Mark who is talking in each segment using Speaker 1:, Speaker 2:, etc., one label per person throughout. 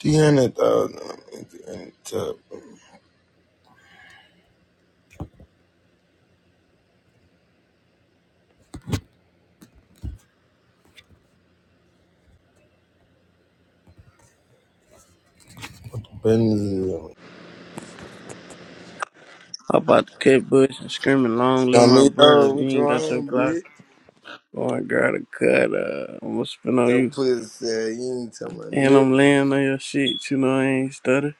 Speaker 1: Tiene todo, benzo.
Speaker 2: Hop about the cut bush and screaming, long live my brother.
Speaker 1: Amigo,
Speaker 2: If you
Speaker 1: what you
Speaker 2: ain't got your
Speaker 1: want,
Speaker 2: Glock
Speaker 1: bitch?
Speaker 2: going, girl, to cut, uh, I'm gonna spin on
Speaker 1: Yo,
Speaker 2: you.
Speaker 1: please uh, you ain't talking about
Speaker 2: And
Speaker 1: nothing.
Speaker 2: I'm laying on your shit, you know, I ain't stutter.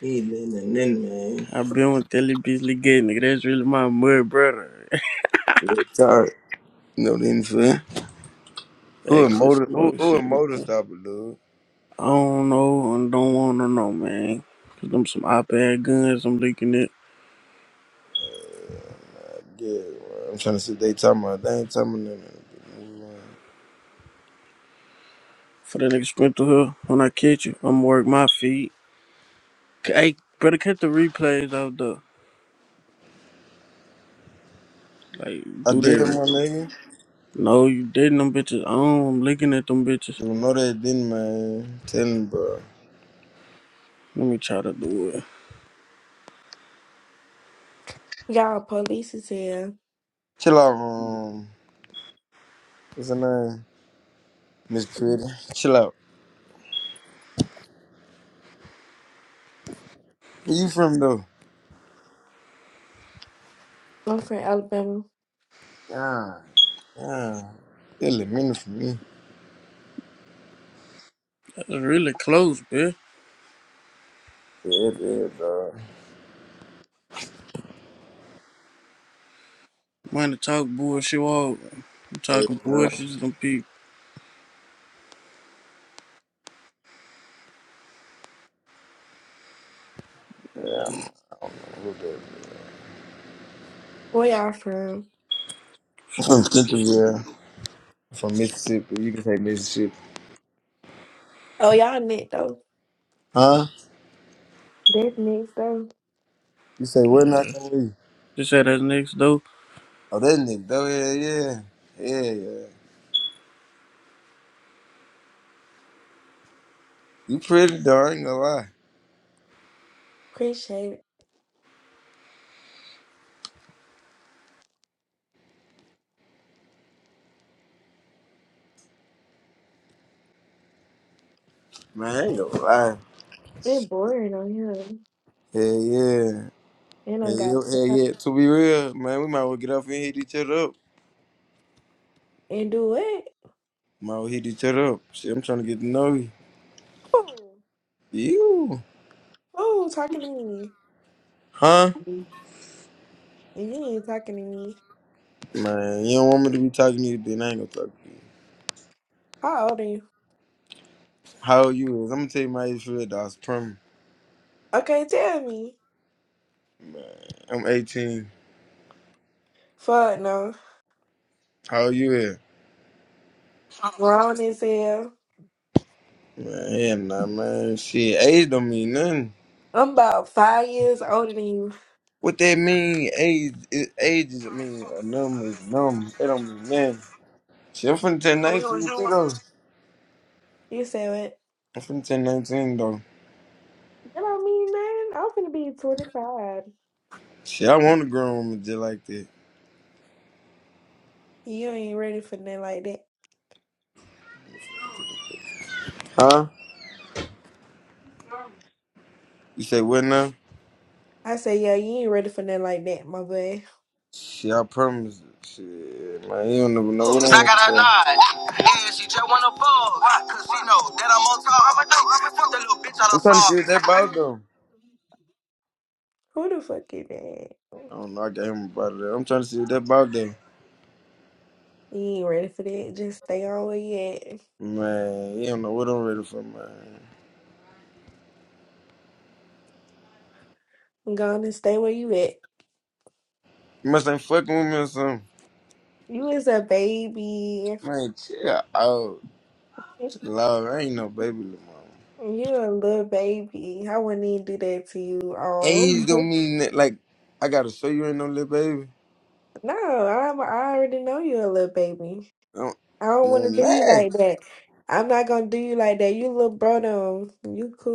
Speaker 1: You ain't letting nothing in, man.
Speaker 2: i been with Telly Beasley Gay, nigga, that's really my mud brother.
Speaker 1: Real talk. You know what I'm saying? Who a
Speaker 2: Facts and
Speaker 1: motor, who,
Speaker 2: smoke
Speaker 1: who a
Speaker 2: shit,
Speaker 1: motor
Speaker 2: man.
Speaker 1: stopper, dude?
Speaker 2: I don't know and don't wanna know, man. Cause them some op-ed guns, I'm leaking it.
Speaker 1: Yeah, my I'm trying to see what they talking about. They ain't talking about nothing.
Speaker 2: For that nigga Sprinter. to when I catch you, I'ma work my feet. Hey, better cut the replays out though. Like,
Speaker 1: I
Speaker 2: do
Speaker 1: did,
Speaker 2: that.
Speaker 1: my nigga.
Speaker 2: No, you dating them bitches. Oh, I'm looking at them bitches.
Speaker 1: You know they didn't, man. Tell him, bro.
Speaker 2: Let me try to do it.
Speaker 3: Y'all police is here.
Speaker 1: Chill out, um, what's her name? Miss Pretty. Chill out. Where you from, though?
Speaker 3: I'm from Alabama.
Speaker 1: Yeah, yeah. Still a minute for me.
Speaker 2: That's really close, bitch.
Speaker 1: Yeah, yeah, dog.
Speaker 2: Money talk bullshit all. I'm
Speaker 1: Hey,
Speaker 2: talking
Speaker 1: girl.
Speaker 2: bullshit to them people.
Speaker 1: Yeah, I'm a little bit.
Speaker 3: Where y'all from?
Speaker 1: I'm
Speaker 2: Don't
Speaker 1: From
Speaker 2: fuck this
Speaker 1: Centerville,
Speaker 2: shit.
Speaker 1: I'm from Mississippi. You can say Mississippi.
Speaker 3: Oh, y'all next though.
Speaker 1: Huh?
Speaker 3: That next though.
Speaker 1: You say, where not can we?
Speaker 2: This at that next door.
Speaker 1: Oh, that nigga, though, yeah, yeah. Yeah, yeah. You pretty, dog. I ain't gonna lie.
Speaker 3: Appreciate it.
Speaker 1: Man, I ain't gonna lie.
Speaker 3: It boring on here.
Speaker 1: Hell yeah.
Speaker 3: And I
Speaker 1: Hell
Speaker 3: got
Speaker 1: yeah. Hell
Speaker 3: job.
Speaker 1: yeah. To be real, man, we might as well get off and hit each other up.
Speaker 3: And do what?
Speaker 1: Might as well hit each other up. Shit, I'm trying to get to know you.
Speaker 3: Oh,
Speaker 1: You.
Speaker 3: oh, talking to me?
Speaker 1: Huh?
Speaker 3: Mhm. And you ain't talking to me.
Speaker 1: Man, you don't want me to be talking to you, then I ain't gonna talk to you.
Speaker 3: How old are you?
Speaker 1: How old you is? I'm gonna tell you my age for that. I was prim.
Speaker 3: Okay, tell me.
Speaker 1: Man, I'm 18.
Speaker 3: Fuck no.
Speaker 1: How old you is?
Speaker 3: Grown as hell.
Speaker 1: Man, hell nah, man. Shit, age don't mean nothing.
Speaker 3: I'm about five years older than you.
Speaker 1: What that mean? Age, is age is, I mean, a number is a number. It don't mean nothing. Shit, I'm finna turn 19 too, though.
Speaker 3: You said what?
Speaker 1: I'm finna turn 19, though.
Speaker 3: That don't mean nothing. I'm finna be 25.
Speaker 1: Shit, I want a grown woman just like that.
Speaker 3: You ain't ready for nothing like that.
Speaker 1: Huh? You say what now?
Speaker 3: I say, yeah, you ain't ready for nothing like that, my boy.
Speaker 1: Shit, I promise. Shit, man, you don't never know what
Speaker 4: I
Speaker 1: I'm
Speaker 4: got
Speaker 1: gonna
Speaker 4: a
Speaker 1: say.
Speaker 4: nod, and she just wanna fuck. 'cause she know that I'm on top. Fuck that little bitch out
Speaker 1: I'm
Speaker 4: of
Speaker 1: trying to see
Speaker 4: saw.
Speaker 1: what that about, though.
Speaker 3: Who the fuck is that?
Speaker 1: I don't know. I got him about that. I'm trying to see what that about there.
Speaker 3: You ain't ready for that. Just stay on where you at.
Speaker 1: Man, he don't know what I'm ready for, man.
Speaker 3: Go on and stay where you at.
Speaker 1: He must ain't fucking with me or something.
Speaker 3: You is a baby.
Speaker 1: Man, chill out.
Speaker 3: you
Speaker 1: Chill out. I ain't no baby little mama.
Speaker 3: a little baby. I wouldn't even do that to you.
Speaker 1: Age
Speaker 3: Um,
Speaker 1: don't mean that, like, I gotta show you ain't no little baby.
Speaker 3: no, I'm, I already know you a little baby.
Speaker 1: Don't,
Speaker 3: I don't want to
Speaker 1: man,
Speaker 3: do you
Speaker 1: lie.
Speaker 3: like that. I'm not gonna do you like that. You little bro, though. You cool.